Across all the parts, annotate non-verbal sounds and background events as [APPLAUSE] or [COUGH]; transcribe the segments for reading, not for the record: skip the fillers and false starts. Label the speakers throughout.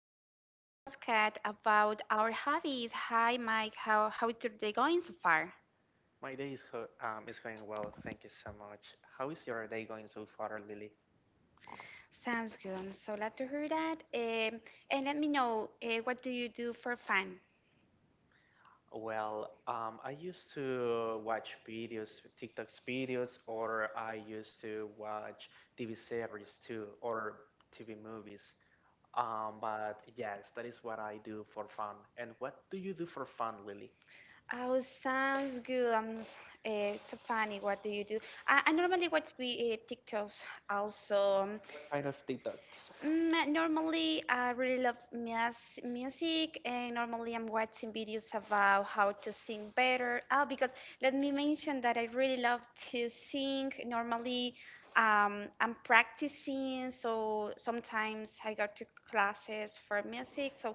Speaker 1: record a podcast about our hobbies. Hi, Mike. How is your day going so far?
Speaker 2: My day is, is going well, thank you so much. How is your day going so far, Lily?
Speaker 1: Sounds good. I'm so glad to hear that. And let me know what do you do for fun?
Speaker 2: I used to watch videos, TikTok's videos, or I used to watch TV series too, or TV movies. But yes, that is what I do for fun. And what do you do for fun, Lily?
Speaker 1: Oh, sounds good. So funny. What do you do? I normally watch the, TikToks also.
Speaker 2: Kind of TikToks.
Speaker 1: Normally, I really love music, and normally I'm watching videos about how to sing better. Oh, because let me mention that I really love to sing. Normally, I'm practicing, so sometimes I go to classes for music. So,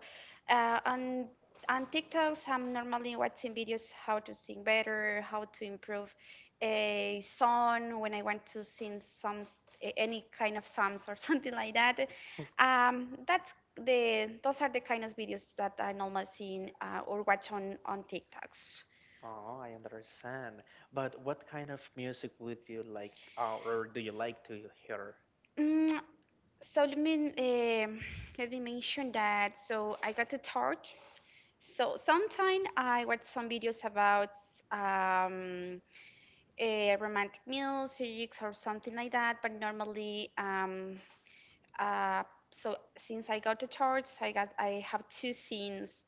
Speaker 1: on TikToks, I'm normally watching videos how to sing better, how to improve a song when I want to sing any kind of songs or [LAUGHS] something like that. That's the Those are the kind of videos that I normally see or watch on TikToks.
Speaker 2: Oh, I understand. But what kind of music would you like, or do you like to hear?
Speaker 1: Mm, so um let me mention that. So I got a tart. So sometime I watch some videos about um, romantic music or something like that. But normally, uh, so since I got the charts, I have two scenes.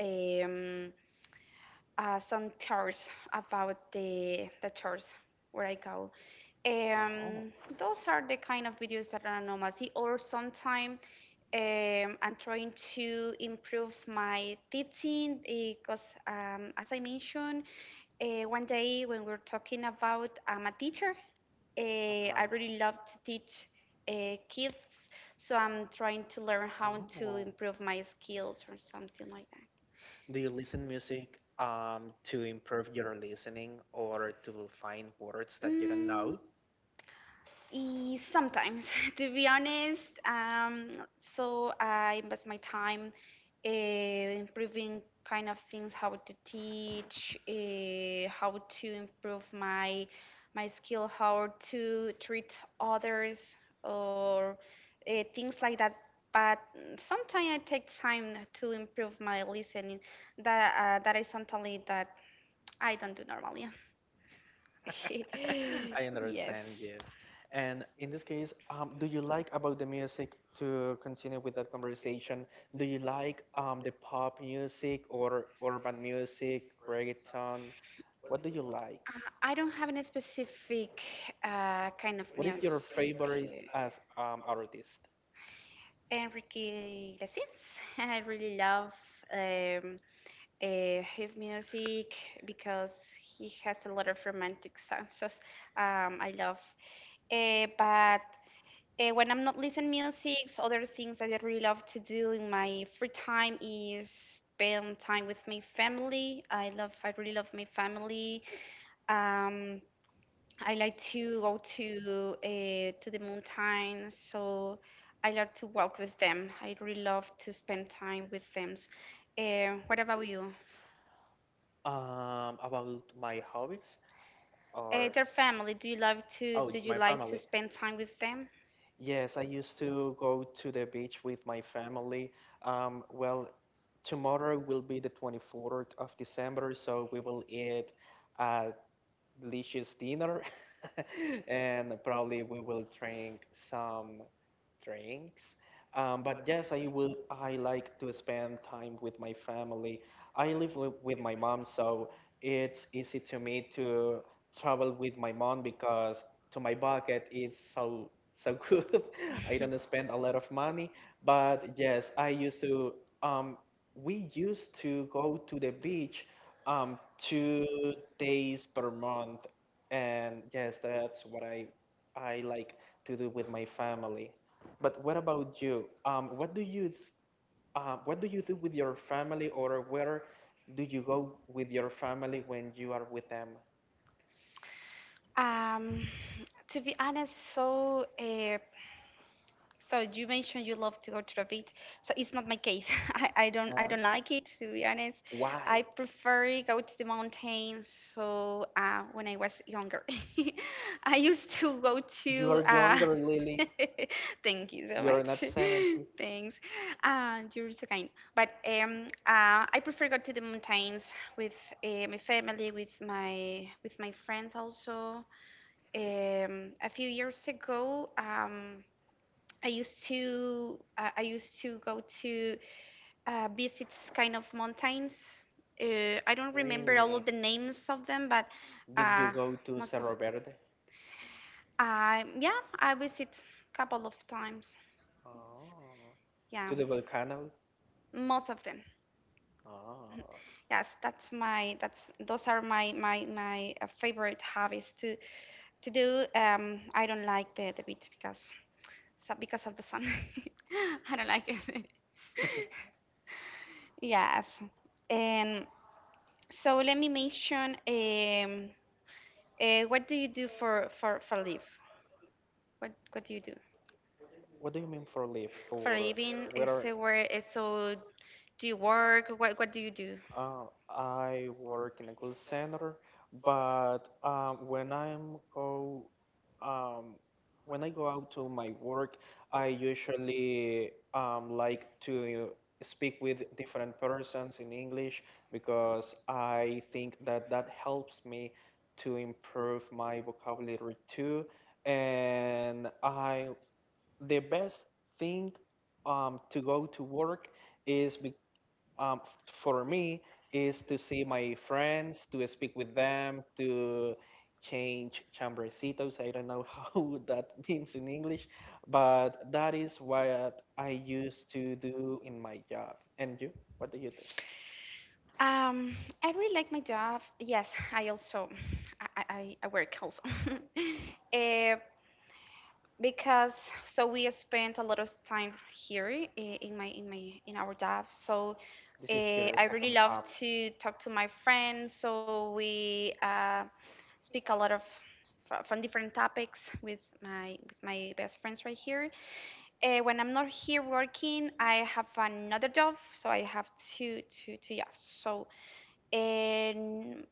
Speaker 1: Um, some tours about the tours where I go.
Speaker 2: Oh.
Speaker 1: Um, those are the kind of videos that are anomaly. Or sometimes I'm trying to improve my teaching because, as I mentioned, one day when we were talking about I'm a teacher,
Speaker 2: Uh-huh.
Speaker 1: I really love to teach kids. So I'm trying to learn how to
Speaker 2: Oh.
Speaker 1: improve my skills or something like that.
Speaker 2: Do you listen music to improve your listening or to find words that you don't know?
Speaker 1: Sometimes, [LAUGHS] to be honest, so I invest my time improving kind of things, how to teach, how to improve my skill, how to treat others, or things like that. But sometimes I take time to improve my listening. That is something that I don't do normally.
Speaker 2: [LAUGHS] I
Speaker 1: [LAUGHS]
Speaker 2: understand
Speaker 1: Yes.
Speaker 2: you. And in this case, do you like about the music to continue with that conversation? Do you like the pop music or urban music, reggaeton? What do you like?
Speaker 1: I don't have any specific kind of
Speaker 2: What is your
Speaker 1: music.
Speaker 2: favorite as artist?
Speaker 1: Enrique Iglesias. [LAUGHS] I really love um, his music because he has a lot of romantic songs. I love. But When I'm not listening music, other things that I really love to do in my free time is spend time with my family. I love. I really love my family. Um, I like to go to the mountains, so I like to walk with them. I really love to spend time with them. What about you?
Speaker 2: About my hobbies or
Speaker 1: Their family,
Speaker 2: oh,
Speaker 1: do you
Speaker 2: my
Speaker 1: like to
Speaker 2: family.
Speaker 1: spend time with them?
Speaker 2: Yes, I used to go to the beach with my family. Well, tomorrow will be the 24th of December, so we will eat at delicious dinner, [LAUGHS] and probably we will drink some drinks. But yes, I will. I like to spend time with my family. I live with, my mom, so it's easy to me to travel with my mom because to my bucket is so [LAUGHS] good. I don't spend a lot of money, but yes, I used to. Um, we used to go to the beach 2 days per month, and yes, that's what I like to do with my family. But what about you? What do you what do you do with your family, or where do you go with your family when you are with them?
Speaker 1: Um, to be honest, so you mentioned you love to go to the beach. So it's not my case. [LAUGHS] I don't like it, to be honest.
Speaker 2: Why?
Speaker 1: I prefer go to the mountains. So when I was younger, [LAUGHS] I used to go
Speaker 2: You
Speaker 1: to.
Speaker 2: are younger, Lily.
Speaker 1: [LAUGHS] Thank you so
Speaker 2: You are
Speaker 1: much.
Speaker 2: not 70.
Speaker 1: [LAUGHS] Thanks. You're so kind. But I prefer go to the mountains with my family, with my friends also. A few years ago. I used to I used to go to visit kind of mountains. I don't remember all of the names of them, but
Speaker 2: Did you
Speaker 1: uh,
Speaker 2: go to
Speaker 1: most of
Speaker 2: Cerro Verde?
Speaker 1: yeah, I visit a couple of times. Yes.
Speaker 2: Oh,
Speaker 1: Yeah,
Speaker 2: to the volcano.
Speaker 1: most of them.
Speaker 2: Oh,
Speaker 1: Yes, that's those are my favorite hobbies to do. I don't like the beach because so because of the sun. [LAUGHS] I don't like it.
Speaker 2: [LAUGHS]
Speaker 1: [LAUGHS] Yes. And so let me mention what do you do for live? What do you do
Speaker 2: what do you mean for live? For
Speaker 1: for a living?
Speaker 2: where?
Speaker 1: So where so do you work? What do you do?
Speaker 2: I work in a call center, but when um, when I go out to my work, I usually like to speak with different persons in English because I think that helps me to improve my vocabulary too. And I the best thing to go to work is because for me is to see my friends, to speak with them, to change chambrecitos. I don't know [LAUGHS] how that means in English, but that is what I used to do in my job. And you, what do you do?
Speaker 1: Um, I really like my job. Yes, I also I work also. [LAUGHS] um, because so we spent a lot of time here in my in my in our job, so
Speaker 2: This is your
Speaker 1: I really
Speaker 2: second
Speaker 1: love
Speaker 2: time.
Speaker 1: to talk to my friends, so we speak a lot of from different topics with my best friends right here. When I'm not here working, I have another job, so I have two jobs. So and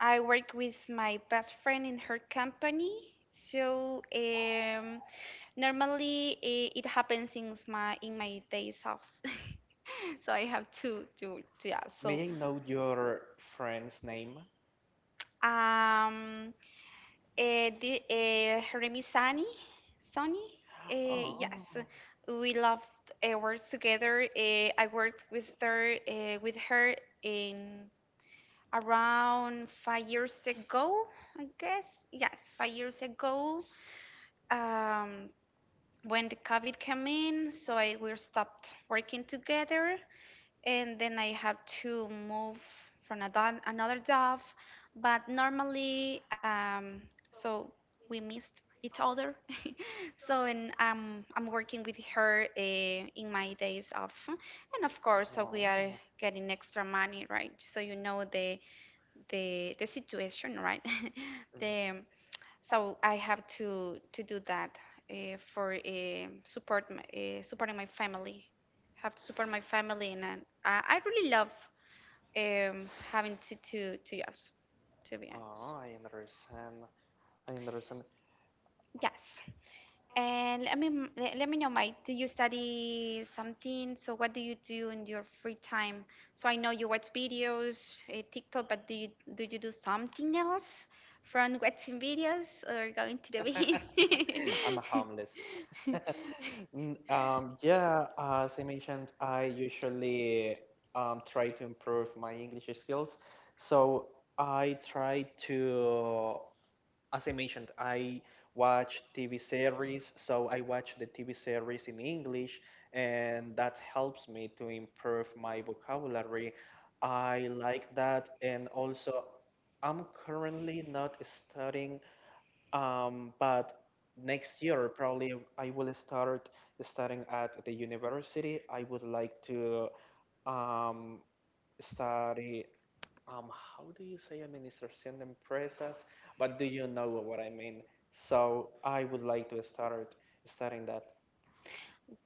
Speaker 1: I work with my best friend in her company, so normally, it happens since my in my days off, [LAUGHS] so I have to yeah. So
Speaker 2: May I know your friend's name?
Speaker 1: um, Remy Sonny,
Speaker 2: Oh,
Speaker 1: yes, we loved work together. I worked with her in around 5 years ago, I guess. Yes, 5 years ago. Um, when the COVID came in, so I we stopped working together, and then I had to move from another job. But normally, so we missed each other. [LAUGHS] So and I'm working with her in my days off, and of course, so we are
Speaker 2: wow.
Speaker 1: getting extra money, right? So you know the situation, right? [LAUGHS]
Speaker 2: Mhm.
Speaker 1: the so I have to do that for support supporting my family. Have to support my family, and then I really love having to jobs, to be honest.
Speaker 2: Oh, I understand. I understand.
Speaker 1: Yes. And let me let me know, Mike. Do you study something? So what do you do in your free time? So I know you watch videos, TikTok, but do you do something else from watching videos or going to the
Speaker 2: [LAUGHS] I'm a
Speaker 1: beach?
Speaker 2: homeless. [LAUGHS]
Speaker 1: [LAUGHS]
Speaker 2: Yeah, as I mentioned, I usually try to improve my English skills. So I try to, as I mentioned, I watch TV series. So I watch the TV series in English, and that helps me to improve my vocabulary. I like that, and also I'm currently not studying but next year, probably I will start studying at the university. I would like to um, study, um, how do you say administración de empresas? But do you know what I mean? So I would like to start studying that.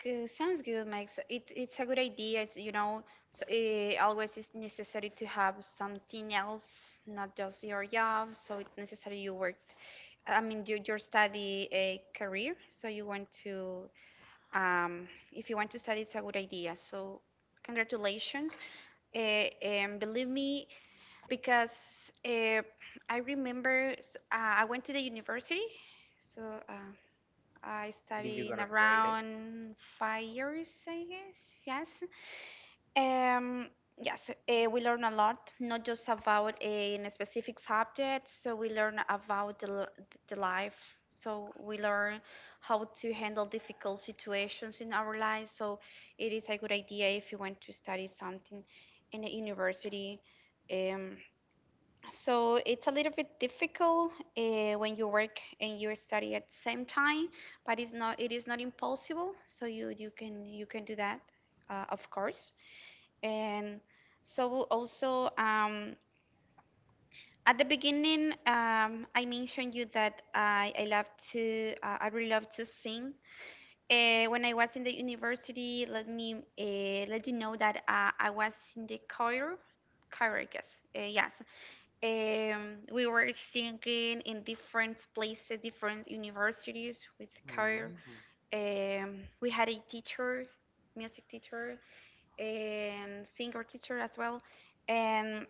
Speaker 1: Good. Sounds good, Mike. So it's a good idea. It's, you know, so it always it's necessary to have something else, not just your job. So it's necessary you work, I mean, your study a career, so you want to, if you want to study, it's a good idea. So, congratulations. Uh, and believe me, because I remember I went to the university, so uh, I
Speaker 2: Did you
Speaker 1: studied in
Speaker 2: graduate it?
Speaker 1: around 5 years, I guess. Yes, um, yes, we learn a lot, not just about a specific subject. So we learn about the life. So we learn how to handle difficult situations in our lives. So it is a good idea if you want to study something in a university. Um, so it's a little bit difficult when you work and you study at the same time, but it is not impossible. So you can do that, of course. And so also at the beginning, I mentioned you that I love to I really love to sing. When I was in the university, let me let you know that I was in the choir. Choir, I guess. Yes. We were singing in different places, different universities with choir.
Speaker 2: Mm.
Speaker 1: We had a teacher, music teacher, and singer teacher as well. And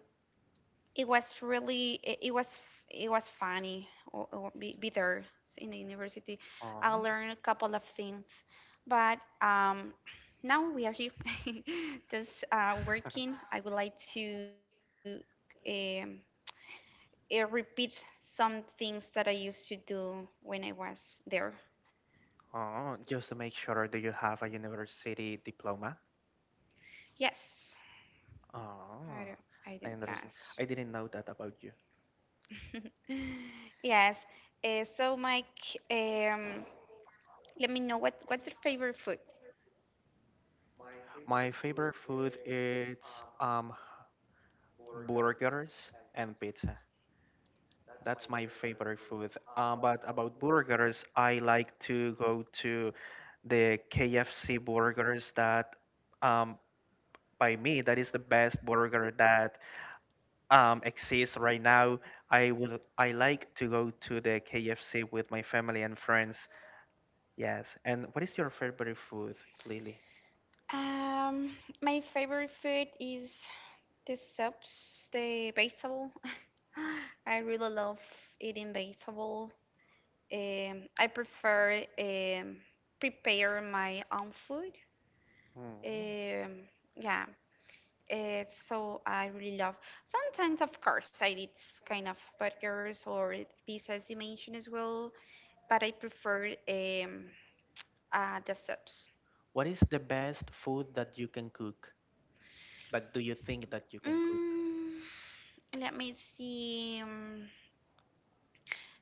Speaker 1: it was it was funny or be there in the university. I
Speaker 2: Oh,
Speaker 1: learned a couple of things, but [CLEARS THROAT] now we are here [LAUGHS] just working. I would like to um, repeat some things that I used to do when I was there.
Speaker 2: oh, just to make sure do you have a university diploma.
Speaker 1: Yes, i do
Speaker 2: Ah,
Speaker 1: I do.
Speaker 2: I understand.
Speaker 1: Yes,
Speaker 2: I didn't know that about you.
Speaker 1: [LAUGHS] yes. So Mike, um let me know, what what's your favorite food?
Speaker 2: My favorite food is burgers and pizza. That's my favorite food. But about burgers, I like to go to the KFC burgers that um by me that is the best burger that exists right now. I like to go to the KFC with my family and friends. Yes. And what is your favorite food, Lily?
Speaker 1: Um, my favorite food is the soups, the vegetable. [SIGHS] [LAUGHS] I really love eating vegetable. I prefer prepare my own food.
Speaker 2: Mm,
Speaker 1: Um, yeah, so I really love. Sometimes, of course, I eat kind of burgers or pizzas you mentioned as well, but I prefer the soups.
Speaker 2: what is the best food that you can cook? That do you think that you can cook?
Speaker 1: Mm, Let me see.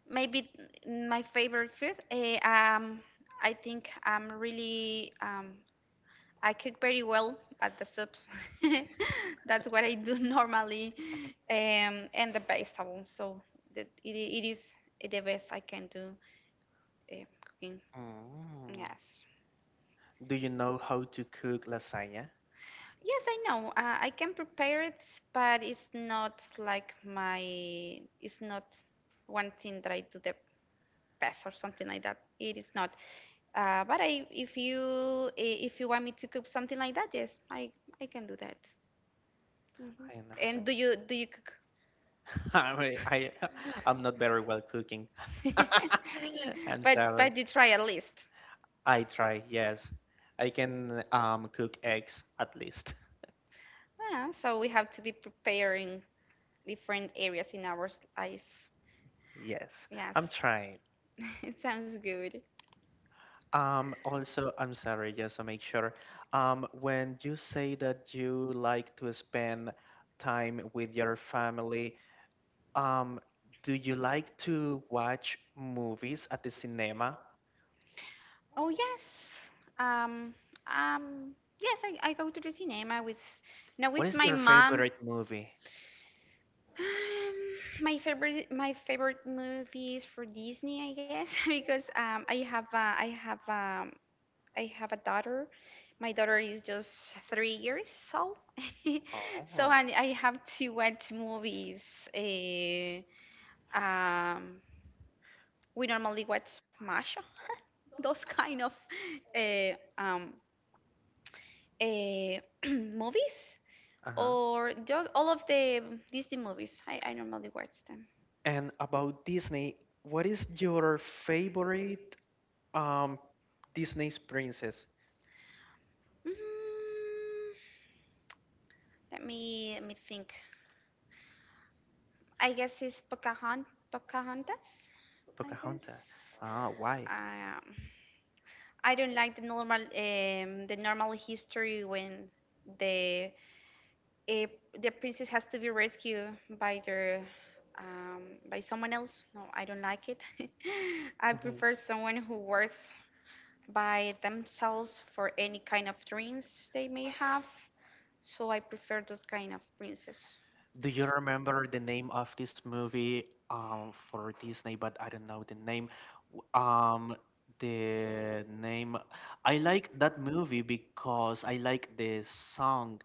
Speaker 1: Maybe my favorite food. I think I'm really I cook very well at the soups. [LAUGHS] That's what I do [LAUGHS] normally, and the vegetables. So that it is the best I can do cooking.
Speaker 2: Mm.
Speaker 1: Yes.
Speaker 2: Do you know how to cook lasagna?
Speaker 1: Yes, I know. I can prepare it, but it's not like my. It's not one thing that I do the best or something like that. It is not. But if you want me to cook something like that, yes, I can do that. Hmm.
Speaker 2: I never.
Speaker 1: And do you cook?
Speaker 2: [LAUGHS] I mean, I [LAUGHS] I'm not very well cooking. [LAUGHS]
Speaker 1: [LAUGHS]
Speaker 2: I'm sorry.
Speaker 1: But you try at least.
Speaker 2: I try. Yes, I can cook eggs at least.
Speaker 1: Yeah, so we have to be preparing different areas in our life.
Speaker 2: Yes,
Speaker 1: Yes,
Speaker 2: I'm trying.
Speaker 1: [LAUGHS] it sounds good.
Speaker 2: Also, I'm sorry, just to make sure. When you say that you like to spend time with your family, Um, do you like to watch movies at the cinema?
Speaker 1: Oh yes. Um um yes, I go to the cinema with now
Speaker 2: What
Speaker 1: with
Speaker 2: is
Speaker 1: my
Speaker 2: your
Speaker 1: mom.
Speaker 2: favorite movie?
Speaker 1: Um, my favorite movies for Disney, I guess, [LAUGHS] because I have a daughter. My daughter is just 3 years old, [LAUGHS]
Speaker 2: Oh,
Speaker 1: so I have to watch movies. Uh, um, we normally watch Masha, [LAUGHS] those kind of uh, um, uh, [CLEARS THROAT] movies,
Speaker 2: uh-huh.
Speaker 1: or just all of the Disney movies. I normally watch them.
Speaker 2: And about Disney, what is your favorite um Disney's princess?
Speaker 1: Mm. Let me think. I guess it's Pocahontas. I
Speaker 2: Pocahontas.
Speaker 1: guess.
Speaker 2: Ah, why?
Speaker 1: Um, I don't like the normal, history when the eh, the princess has to be rescued by their by someone else. No, I don't like it. [LAUGHS] I
Speaker 2: Mhm.
Speaker 1: prefer someone who works by themselves for any kind of dreams they may have. So I prefer those kind of princes.
Speaker 2: Do you remember the name of this movie for Disney, but I don't know the name. W- Um the name I like that movie because I like the song.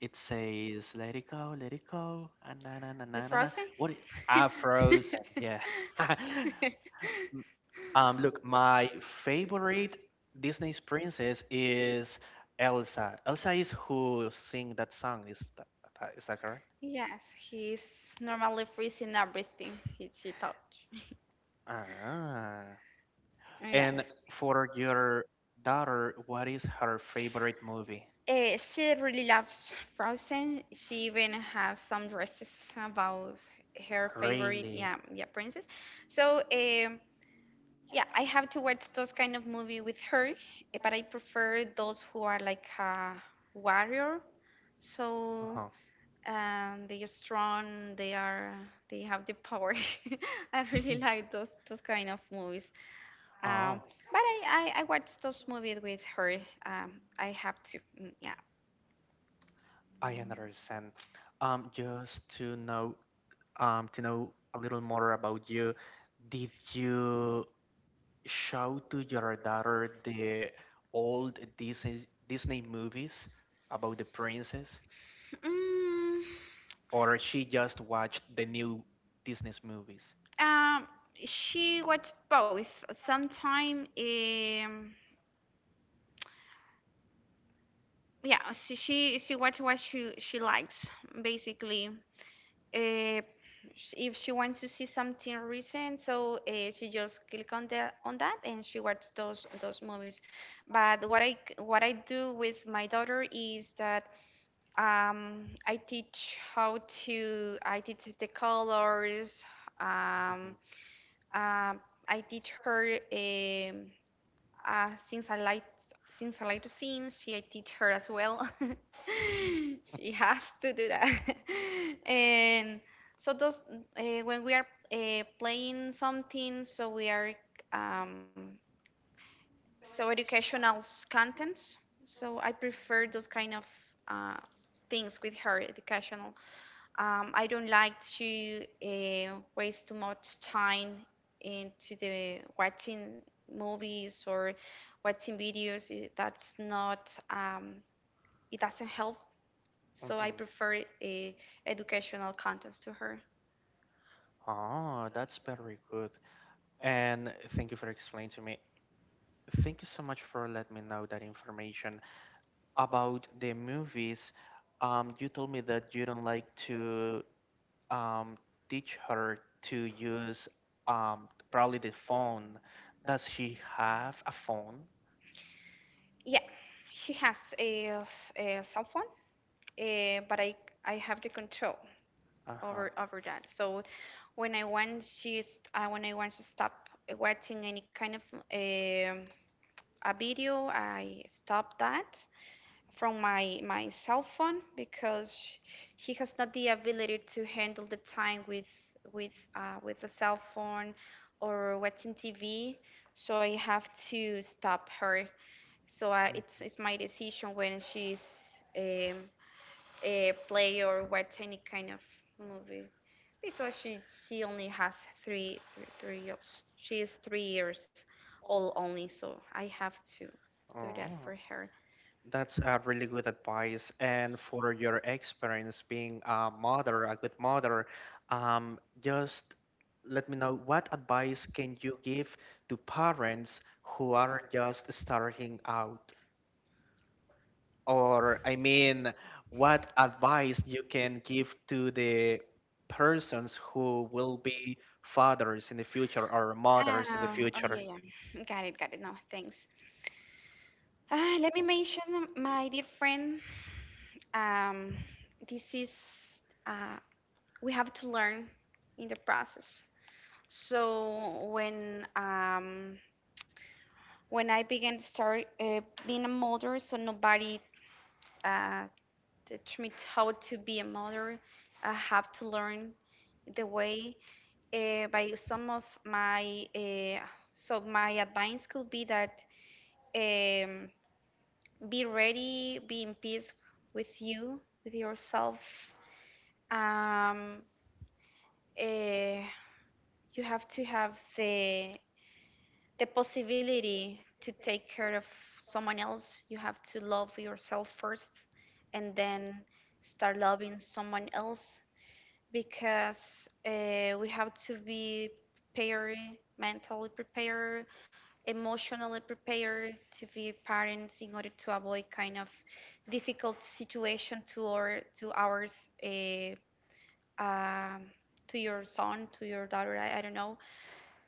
Speaker 2: It says let it go, let it go. Ah, na na na
Speaker 1: The
Speaker 2: na na na.
Speaker 1: Frozen?
Speaker 2: What I- ah Frozen, yeah. [LAUGHS]
Speaker 1: [LAUGHS]
Speaker 2: Look, my favorite Disney's princess is Elsa. Elsa is who sing that song, is that correct?
Speaker 1: yes, he's normally freezing everything she touch.
Speaker 2: Ah.
Speaker 1: Oh,
Speaker 2: And
Speaker 1: yes.
Speaker 2: for your daughter, what is her favorite movie?
Speaker 1: She really loves Frozen. She even have some dresses about her favorite,
Speaker 2: Really?
Speaker 1: yeah, yeah, princess. So, yeah, I have to watch those kind of movie with her, but I prefer those who are like a warrior. So,
Speaker 2: Uh-huh.
Speaker 1: they are strong, they have the power. [LAUGHS] I really like
Speaker 2: [LAUGHS]
Speaker 1: those kind of movies, um,
Speaker 2: Oh,
Speaker 1: but I watched those movies with her. um, I have to. Mm. Yeah.
Speaker 2: I understand. Just to know a little more about you, did you show to your daughter the old Disney movies about the princess,
Speaker 1: Mm.
Speaker 2: or she just watched the new Disney movies?
Speaker 1: um, she watched both sometimes. Yeah, she watched what she likes, basically. Uh, if she wants to see something recent, so she just click on the on that, and she watch those movies. But what I do with my daughter is that, I teach how to I teach the colors. Um,
Speaker 2: Mhm,
Speaker 1: uh, I teach her. Since I like, to sing, she I teach her as well. [LAUGHS] She has to do that. [LAUGHS] And so, those when we are, playing something, so we are, um, so, educational contents. So I prefer those kind of, uh, things with her, educational. I don't like to, waste too much time into the watching movies or watching videos. That's not, it doesn't help. So
Speaker 2: mhm.
Speaker 1: I prefer, educational contents to her.
Speaker 2: Oh, that's very good. And thank you for explaining to me. Thank you so much for letting me know that information about the movies. You told me that you don't like to um, teach her to use probably the phone. Does she have a phone?
Speaker 1: Yeah, she has a cell phone, but I have the control
Speaker 2: Uh-huh.
Speaker 1: over that. So when I want, when I want to stop watching any kind of, um a video. I stopped that from my cell phone, because he has not the ability to handle the time with the cell phone or watching TV. So I have to stop her. So, it's my decision when she's, play or watch any kind of movie, because she only has three years. She is 3 years old only, so I have to
Speaker 2: Mm.
Speaker 1: do that for
Speaker 2: Oh.
Speaker 1: her.
Speaker 2: That's a really good advice. And for your experience being a mother, a good mother, just let me know what advice can you give to parents who are just starting out? Or, I mean, what advice you can give to the persons who will be fathers in the
Speaker 1: Oh,
Speaker 2: future or mothers in the
Speaker 1: oh,
Speaker 2: future?
Speaker 1: yeah, yeah. Got it, got it. No, thanks. Let me mention my dear friend. Um, this is uh, we have to learn in the process. So when um, when I began to start, being a mother, so nobody, uh, teach me how to be a mother. I have to learn the way, by some of my so my advice could be that, um, be ready, be in peace with you, with yourself. Um, uh, you have to have the possibility to take care of someone else. You have to love yourself first and then start loving someone else, because, we have to be prepared, mentally prepared, emotionally prepared to be parents, in order to avoid kind of difficult situation to ours, uh, um to your son, to your daughter. I don't know,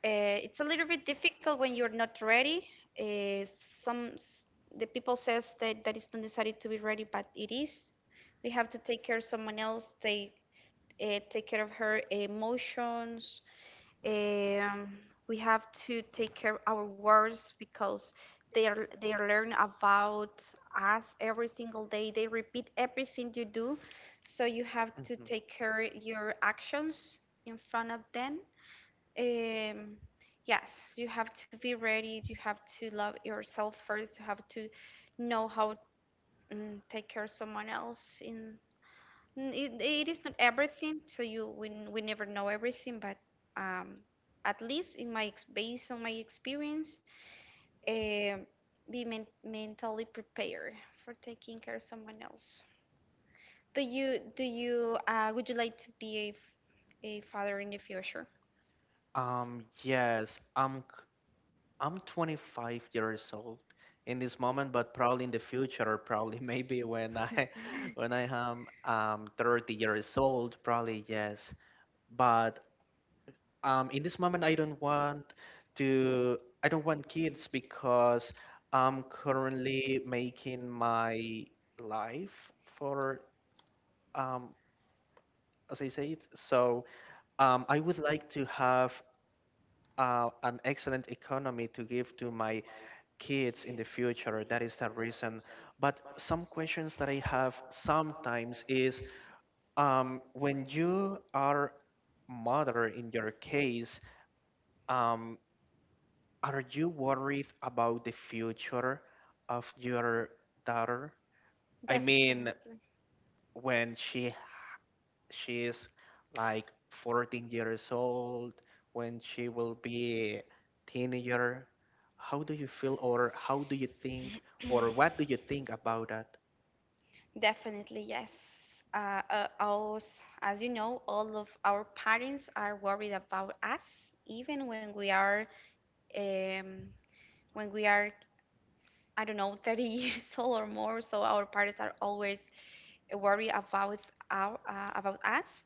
Speaker 1: it's a little bit difficult when you're not ready. Uh, some s- the people says that that is not necessary to be ready, but it is. We have to take care of someone else. Take care of her emotions. Um, we have to take care of our words because, they learn about us every single day. They repeat everything you do, so you have to
Speaker 2: Mhm.
Speaker 1: take care your actions in front of them. um, yes, you have to be ready. You have to love yourself first. You have to know how, take care of someone else. It is not everything, so we never know everything. But, um, at least in based on my experience, um, be, mentally prepared for taking care of someone else. Do you Would you like to be a father in the future?
Speaker 2: Yes, I'm 25 years old in this moment, but probably in the future, or probably [LAUGHS] maybe when I [LAUGHS] when I am 30 years old, probably yes. But in this moment, to I don't want kids because I'm currently making my life for um as I say it. So I would like to have an excellent economy to give to my kids in the future. That is the reason. But some questions that I have sometimes is when you are mother in your case, um, are you worried about the future of your daughter? I
Speaker 1: Definitely.
Speaker 2: mean, when she is like 14 years old, when she will be teenager, how do you feel or how do you think or what do you think about that?
Speaker 1: Definitely, yes. As you know, all of our parents are worried about us, even when we are, um, when we are, I don't know, [LAUGHS] 30 years old or more. So our parents are always worried about us,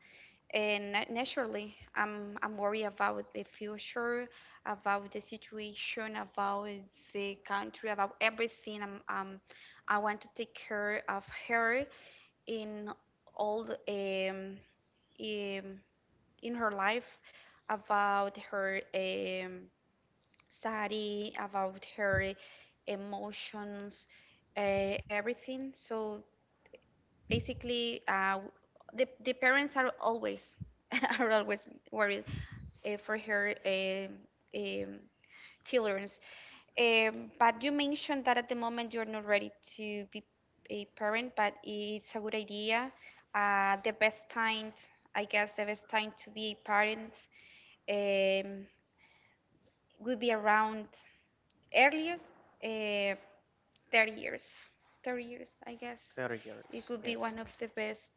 Speaker 1: and, naturally, I'm worried about the future, about the situation, about the country, about everything. I want to take care of her in all um, in her life, about her, study, about her emotions, everything. So basically, the parents are always, [LAUGHS] are always worried, for her, um, children. But you mentioned that at the moment you're not ready to be a parent, but it's a good idea. The best time, I guess, the best time to be a parent, um, would be around earliest, uh, 30 years. 30 years, I guess.
Speaker 2: 30 years,
Speaker 1: It would be
Speaker 2: yes.
Speaker 1: one of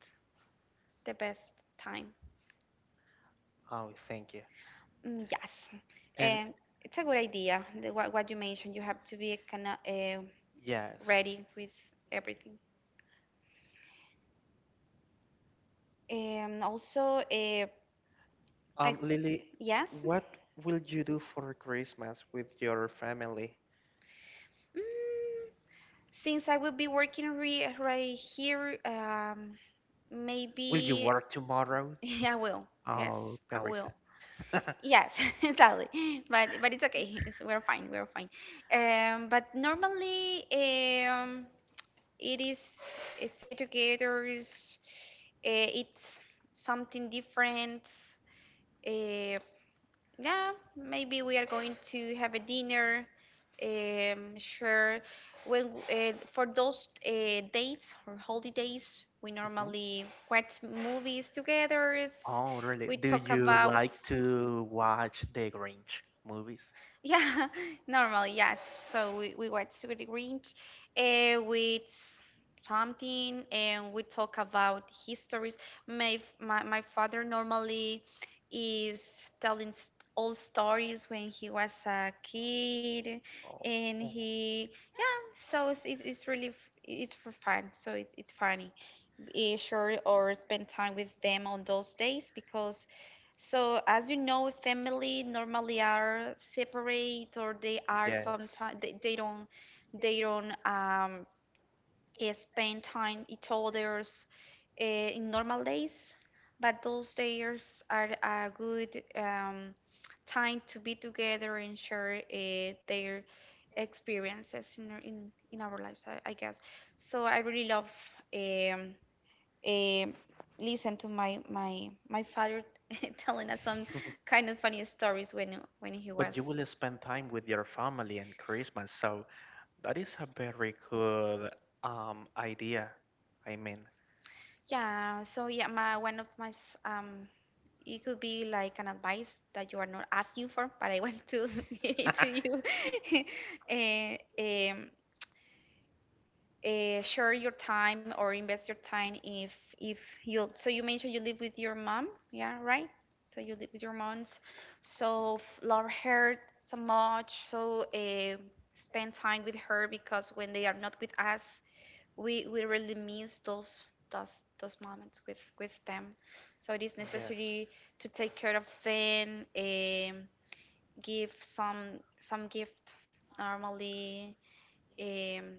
Speaker 1: the best time.
Speaker 2: Oh, thank you.
Speaker 1: Mm, yes,
Speaker 2: And
Speaker 1: um, it's a good idea. What you mentioned, you have to be kind of,
Speaker 2: yes,
Speaker 1: ready with everything. Also, uh, I
Speaker 2: Lily,
Speaker 1: yes.
Speaker 2: what will you do for Christmas with your family?
Speaker 1: Mm, since I will be working re right here,
Speaker 2: Will you
Speaker 1: maybe
Speaker 2: work tomorrow?
Speaker 1: [LAUGHS] I will.
Speaker 2: Oh,
Speaker 1: Yes, I
Speaker 2: very
Speaker 1: will.
Speaker 2: sad. [LAUGHS]
Speaker 1: Yes, [LAUGHS] exactly. But it's okay. We're fine. We're fine. But normally, um, it is, stay together. It's something different. eh, Yeah, maybe we are going to have a dinner. Sure. When For those, dates or holidays, we
Speaker 2: Mhm.
Speaker 1: normally watch movies together.
Speaker 2: Oh, really?
Speaker 1: We
Speaker 2: Do
Speaker 1: talk
Speaker 2: you
Speaker 1: about.
Speaker 2: like to watch the Grinch movies?
Speaker 1: Yeah, [LAUGHS] normally, yes. So we watch with the Grinch, with something, and we talk about histories. My father normally is telling s old stories when he was a kid and
Speaker 2: Oh.
Speaker 1: yeah, so it's for fun. So it's funny, short or spend time with them on those days, because, so as you know, family normally are separate, or they are
Speaker 2: Yes.
Speaker 1: sometimes they don't, spend time each other's, in normal days, but those days are a good, time to be together and share, their experiences in in our lives. I guess so. I really love, um um, listen to my father [LAUGHS] telling us some kind of funny stories when he
Speaker 2: But you
Speaker 1: was.
Speaker 2: will spend time with your family and Christmas, so that is a very good idea. I mean,
Speaker 1: Yeah. So yeah, my one of my it could be like an advice that you are not asking for, but I want to [LAUGHS] give it to you. [LAUGHS] uh, um, Share your time or invest your time if you. So you mentioned you live with your mom, yeah, right, so you live with your moms, so, love her so much, so, spend time with her, because when they are not with us, we really miss those moments with them, so it is
Speaker 2: yes.
Speaker 1: necessary to take care of them. Give some gift normally. um,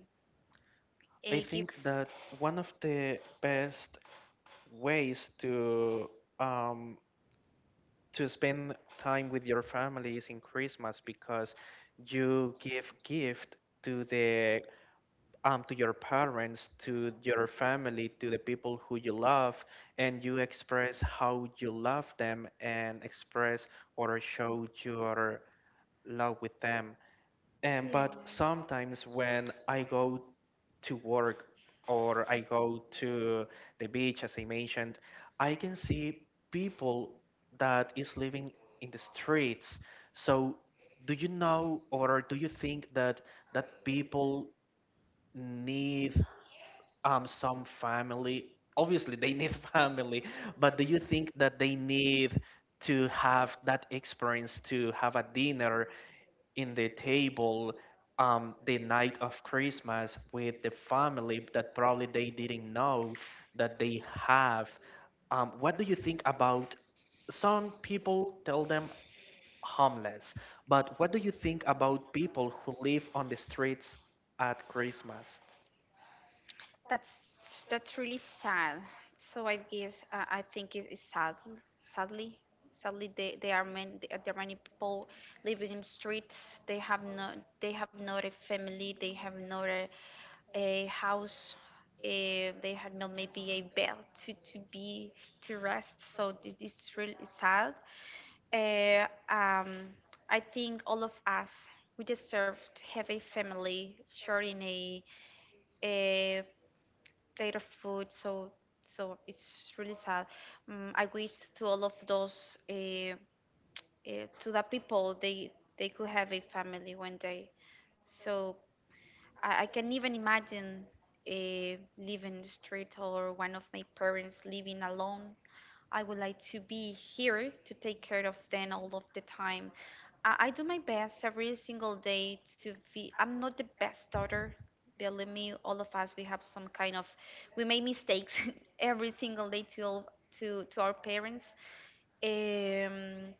Speaker 2: I
Speaker 1: Give.
Speaker 2: think that one of the best ways um to spend time with your family is in Christmas because you give gift to the to your parents, to your family, to the people who you love, and you express how you love them and express or show your love with them. And but
Speaker 1: Yes.
Speaker 2: sometimes when I go to work or I go to the beach, as I mentioned, I can see people that is living in the streets. So do you know or do you think that that people need some family obviously they need [LAUGHS] family but do you think that they need to have that experience to have a dinner in the table the night of Christmas with the family that probably they didn't know that they have what do you think about some people tell them homeless but what do you think about people who live on the streets at Christmas?
Speaker 1: That's that's really sad. So I guess, I think it's sad. Sadly, they are many there are many people living in streets. They have not a family. They have not a house. They have not maybe a bed to be to rest. So it is really sad. Uh, um, I think all of us we deserve to have a family sharing a plate of food. So it's really sad. I wish to all of those to the people, they could have a family one day. So I can even imagine, uh, living in the street, or one of my parents living alone. I would like to be here to take care of them all of the time. I do my best every single day to be. I'm not the best daughter. Believe me, all of us, we have, some kind of we make mistakes [LAUGHS] every single day to our parents. Um,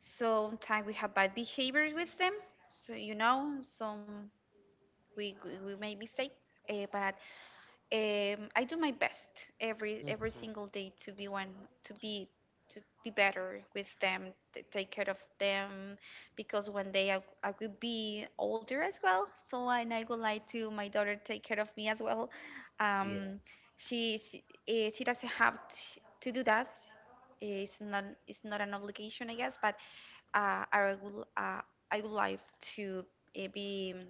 Speaker 1: Sometimes we have bad behaviors with them. So, some we make mistakes. But, I do my best every
Speaker 2: Mhm.
Speaker 1: single day to be to be to be better with them, to take care of them, because one day I will be older as well. So, and I would like to my daughter take care of me as well.
Speaker 2: Yeah.
Speaker 1: Um, she doesn't have to do that. It's not an obligation, I guess, but uh, I would uh, I would like to uh, be mm,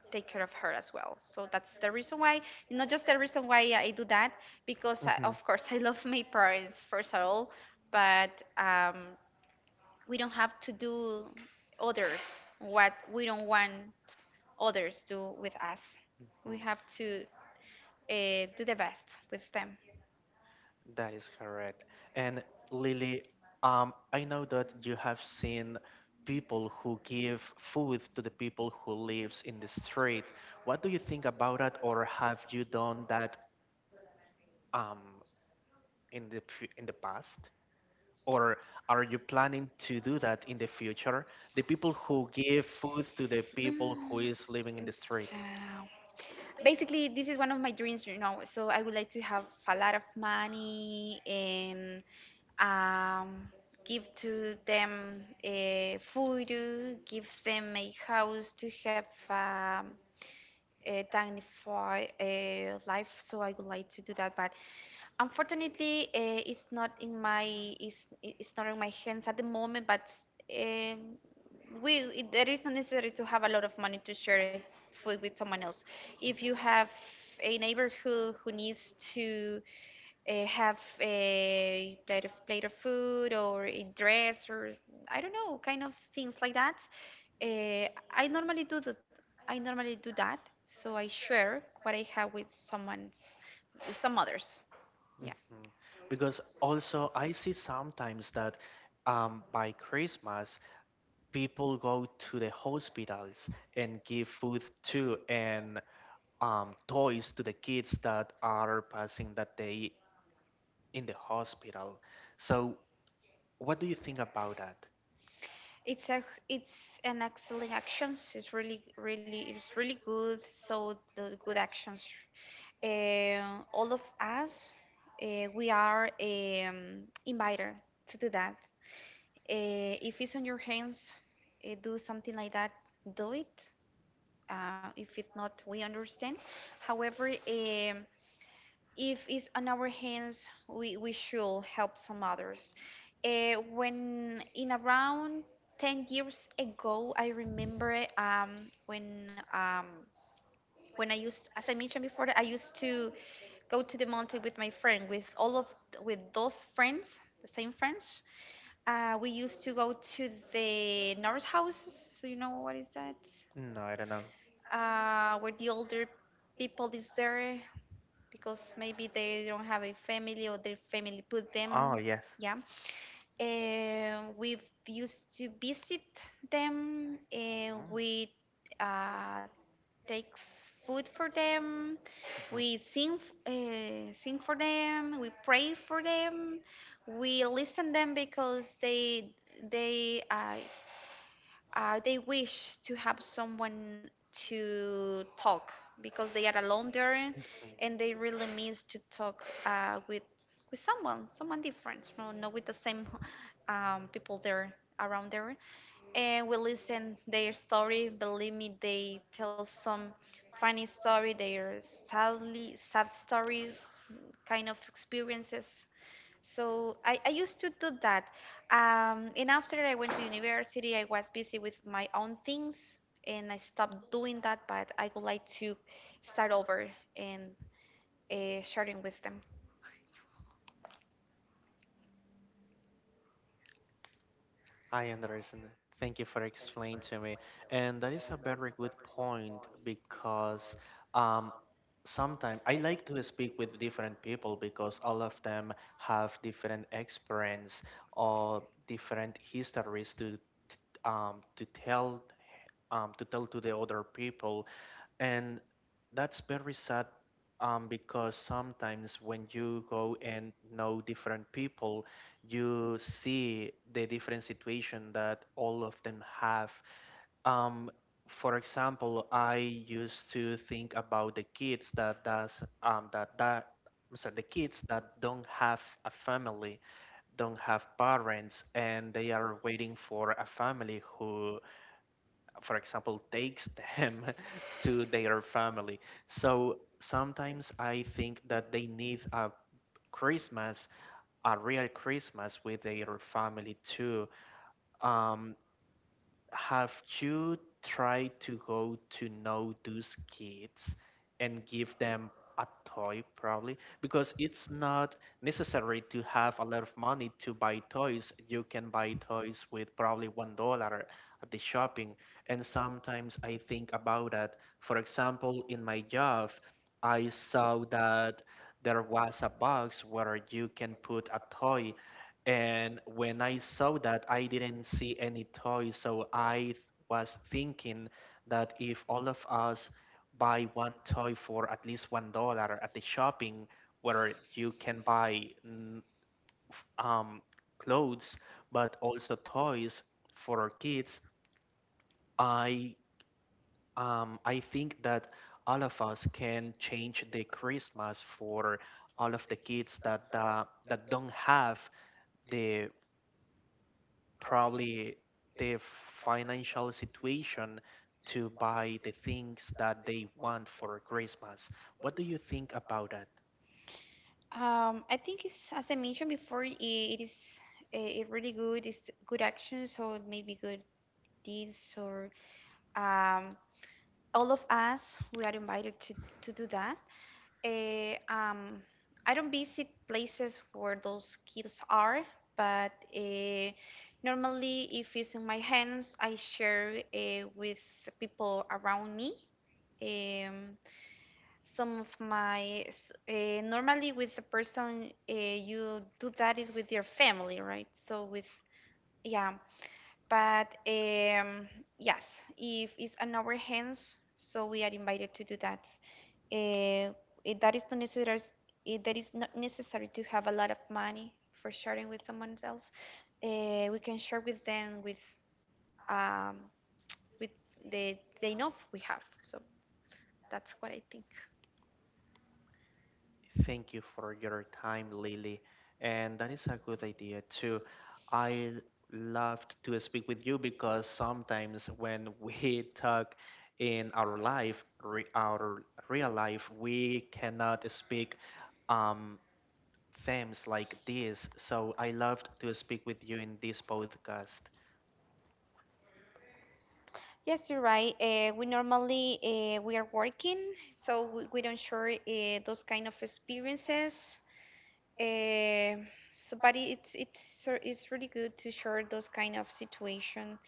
Speaker 1: take care of her as well. So that's the reason why, not just the reason why I do that, because I,
Speaker 2: Mhm.
Speaker 1: of course I [LAUGHS] love my parents first of all, but we don't have to do others what we don't want others do with us. We
Speaker 2: Mhm.
Speaker 1: have to do the best with them.
Speaker 2: That is correct. And Lily, I know that you have seen people who give food to the people who lives in the street. What do you think about that, or have you done that um, in the in the past? Or are you planning to do that in the future? The people who give food to the people who
Speaker 1: Mm,
Speaker 2: is living in the street.
Speaker 1: Basically, this is one of my dreams. So I would like to have a lot of money and um, give to them food, give them a house to have um, a dignified life. So I would like to do that, but unfortunately, it's not in my, it's not in my hands at the moment, but um, we there is not necessary to have a lot of money to share food with someone else. If you have a neighbor who needs to have a plate of food or a dress or I don't know, kind of things like that, I normally do that. I normally do that, so I share what I have with some others. Yeah.
Speaker 2: Mhm. Because also I see sometimes that by Christmas people go to the hospitals and give food to and toys to the kids that are passing that day in the hospital. So what do you think about that?
Speaker 1: It's a, it's an excellent actions. It's really it's really good. So the good actions. All of us, we are invited to do that. If it's on your hands, do something like that. Do it. If it's not, we understand. However, if it's on our hands, we should help some others. When in Around 10 years ago, I remember when I used, as I mentioned before, I used to go to the mountain with my friend, with all of with those friends, the same friends. We used to go to the North House, so you know what is that?
Speaker 2: No, I don't know.
Speaker 1: Where the older people is there because maybe they don't have a family or their family put them,
Speaker 2: Oh yes.
Speaker 1: yeah, we used to visit them, uh,
Speaker 2: Mm.
Speaker 1: we uh, take food for them,
Speaker 2: Mhm.
Speaker 1: we sing for them, we pray for them, we listen them because they uh, they wish to have someone to talk because they are alone there
Speaker 2: Mhm.
Speaker 1: and they really miss to talk with someone, someone different, no, not with the same people there around there, and we listen their story. Believe me, they tell some funny story, their sadly sad stories, kind of experiences. So I used to do that. And after I went to university, I was busy with my own things and I stopped doing that, but I would like to start over and sharing with them.
Speaker 2: I understand. Thank you for explaining to me. And that is a very good point because um, sometimes I like to speak with different people because all of them have different experience or different histories to to tell to tell to the other people. And that's very sad because sometimes when you go and know different people, you see the different situation that all of them have. Um, for example, I used to think about the kids that does that that I the kids that don't have a family, don't have parents, and they are waiting for a family who for example, takes them [LAUGHS] to their family. So sometimes I think that they need a Christmas, a real Christmas with their family too. Um, have you tried to go to know those kids and give them a toy, probably? Because it's not necessary to have a lot of money to buy toys. You can buy toys with probably $1 at the shopping. And sometimes I think about that. For example, in my job, I saw that there was a box where you can put a toy and when I saw that, I didn't see any toys, so I was thinking that if all of us buy one toy for at least $1 at the shopping, where you can buy mm, f- um, clothes but also toys for kids, I I think that all of us can change the Christmas for all of the kids that that don't have the probably the financial situation to buy the things that they want for Christmas. What do you think about that?
Speaker 1: I think it's, as I mentioned before, I it is a really good, it's good actions or maybe good deeds, or um, all of us, we are invited to do that. Eh, um, I don't visit places where those kids are, but normally, if it's in my hands, I share with people around me. Um, some of my s- eh, Normally with the person you do that is with your family, right? So with, yeah, but yes, if it's on our hands, so we are invited to do that. Uh, that is not necessary. That is not necessary to have a lot of money for sharing with someone else. We can share with them with um, with the enough we have. So that's what I think.
Speaker 2: Thank you for your time, Lily. And that is a good idea too. I loved to speak with you because sometimes when [LAUGHS] we talk in our life, our real life, we cannot speak um, themes like this. So I loved to speak with you in this podcast.
Speaker 1: Yes, you're right. We normally we are working, so we don't share those kind of experiences. Uh, but it's really good to share those kind of situation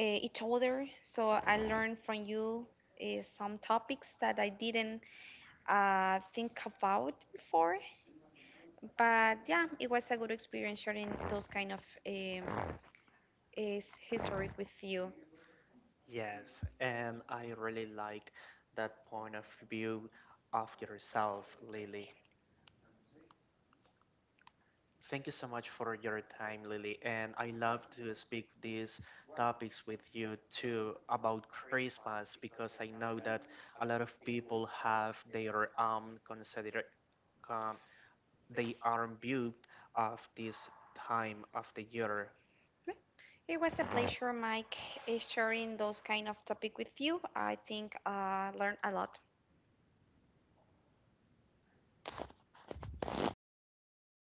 Speaker 1: each other. So I learned from you some topics that I didn't think about before. But yeah, it was a good experience sharing those kind of um, is history with you.
Speaker 2: Yes, and I really like that point of view of yourself, Lily. Thank you so much for your time, Lily. And I love to speak these topics with you too about Christmas because I know that a lot of people have their consider um, they are imbued of this time of the year
Speaker 1: It was a pleasure, Mike, sharing those kind of topic with you. I think I learned a lot.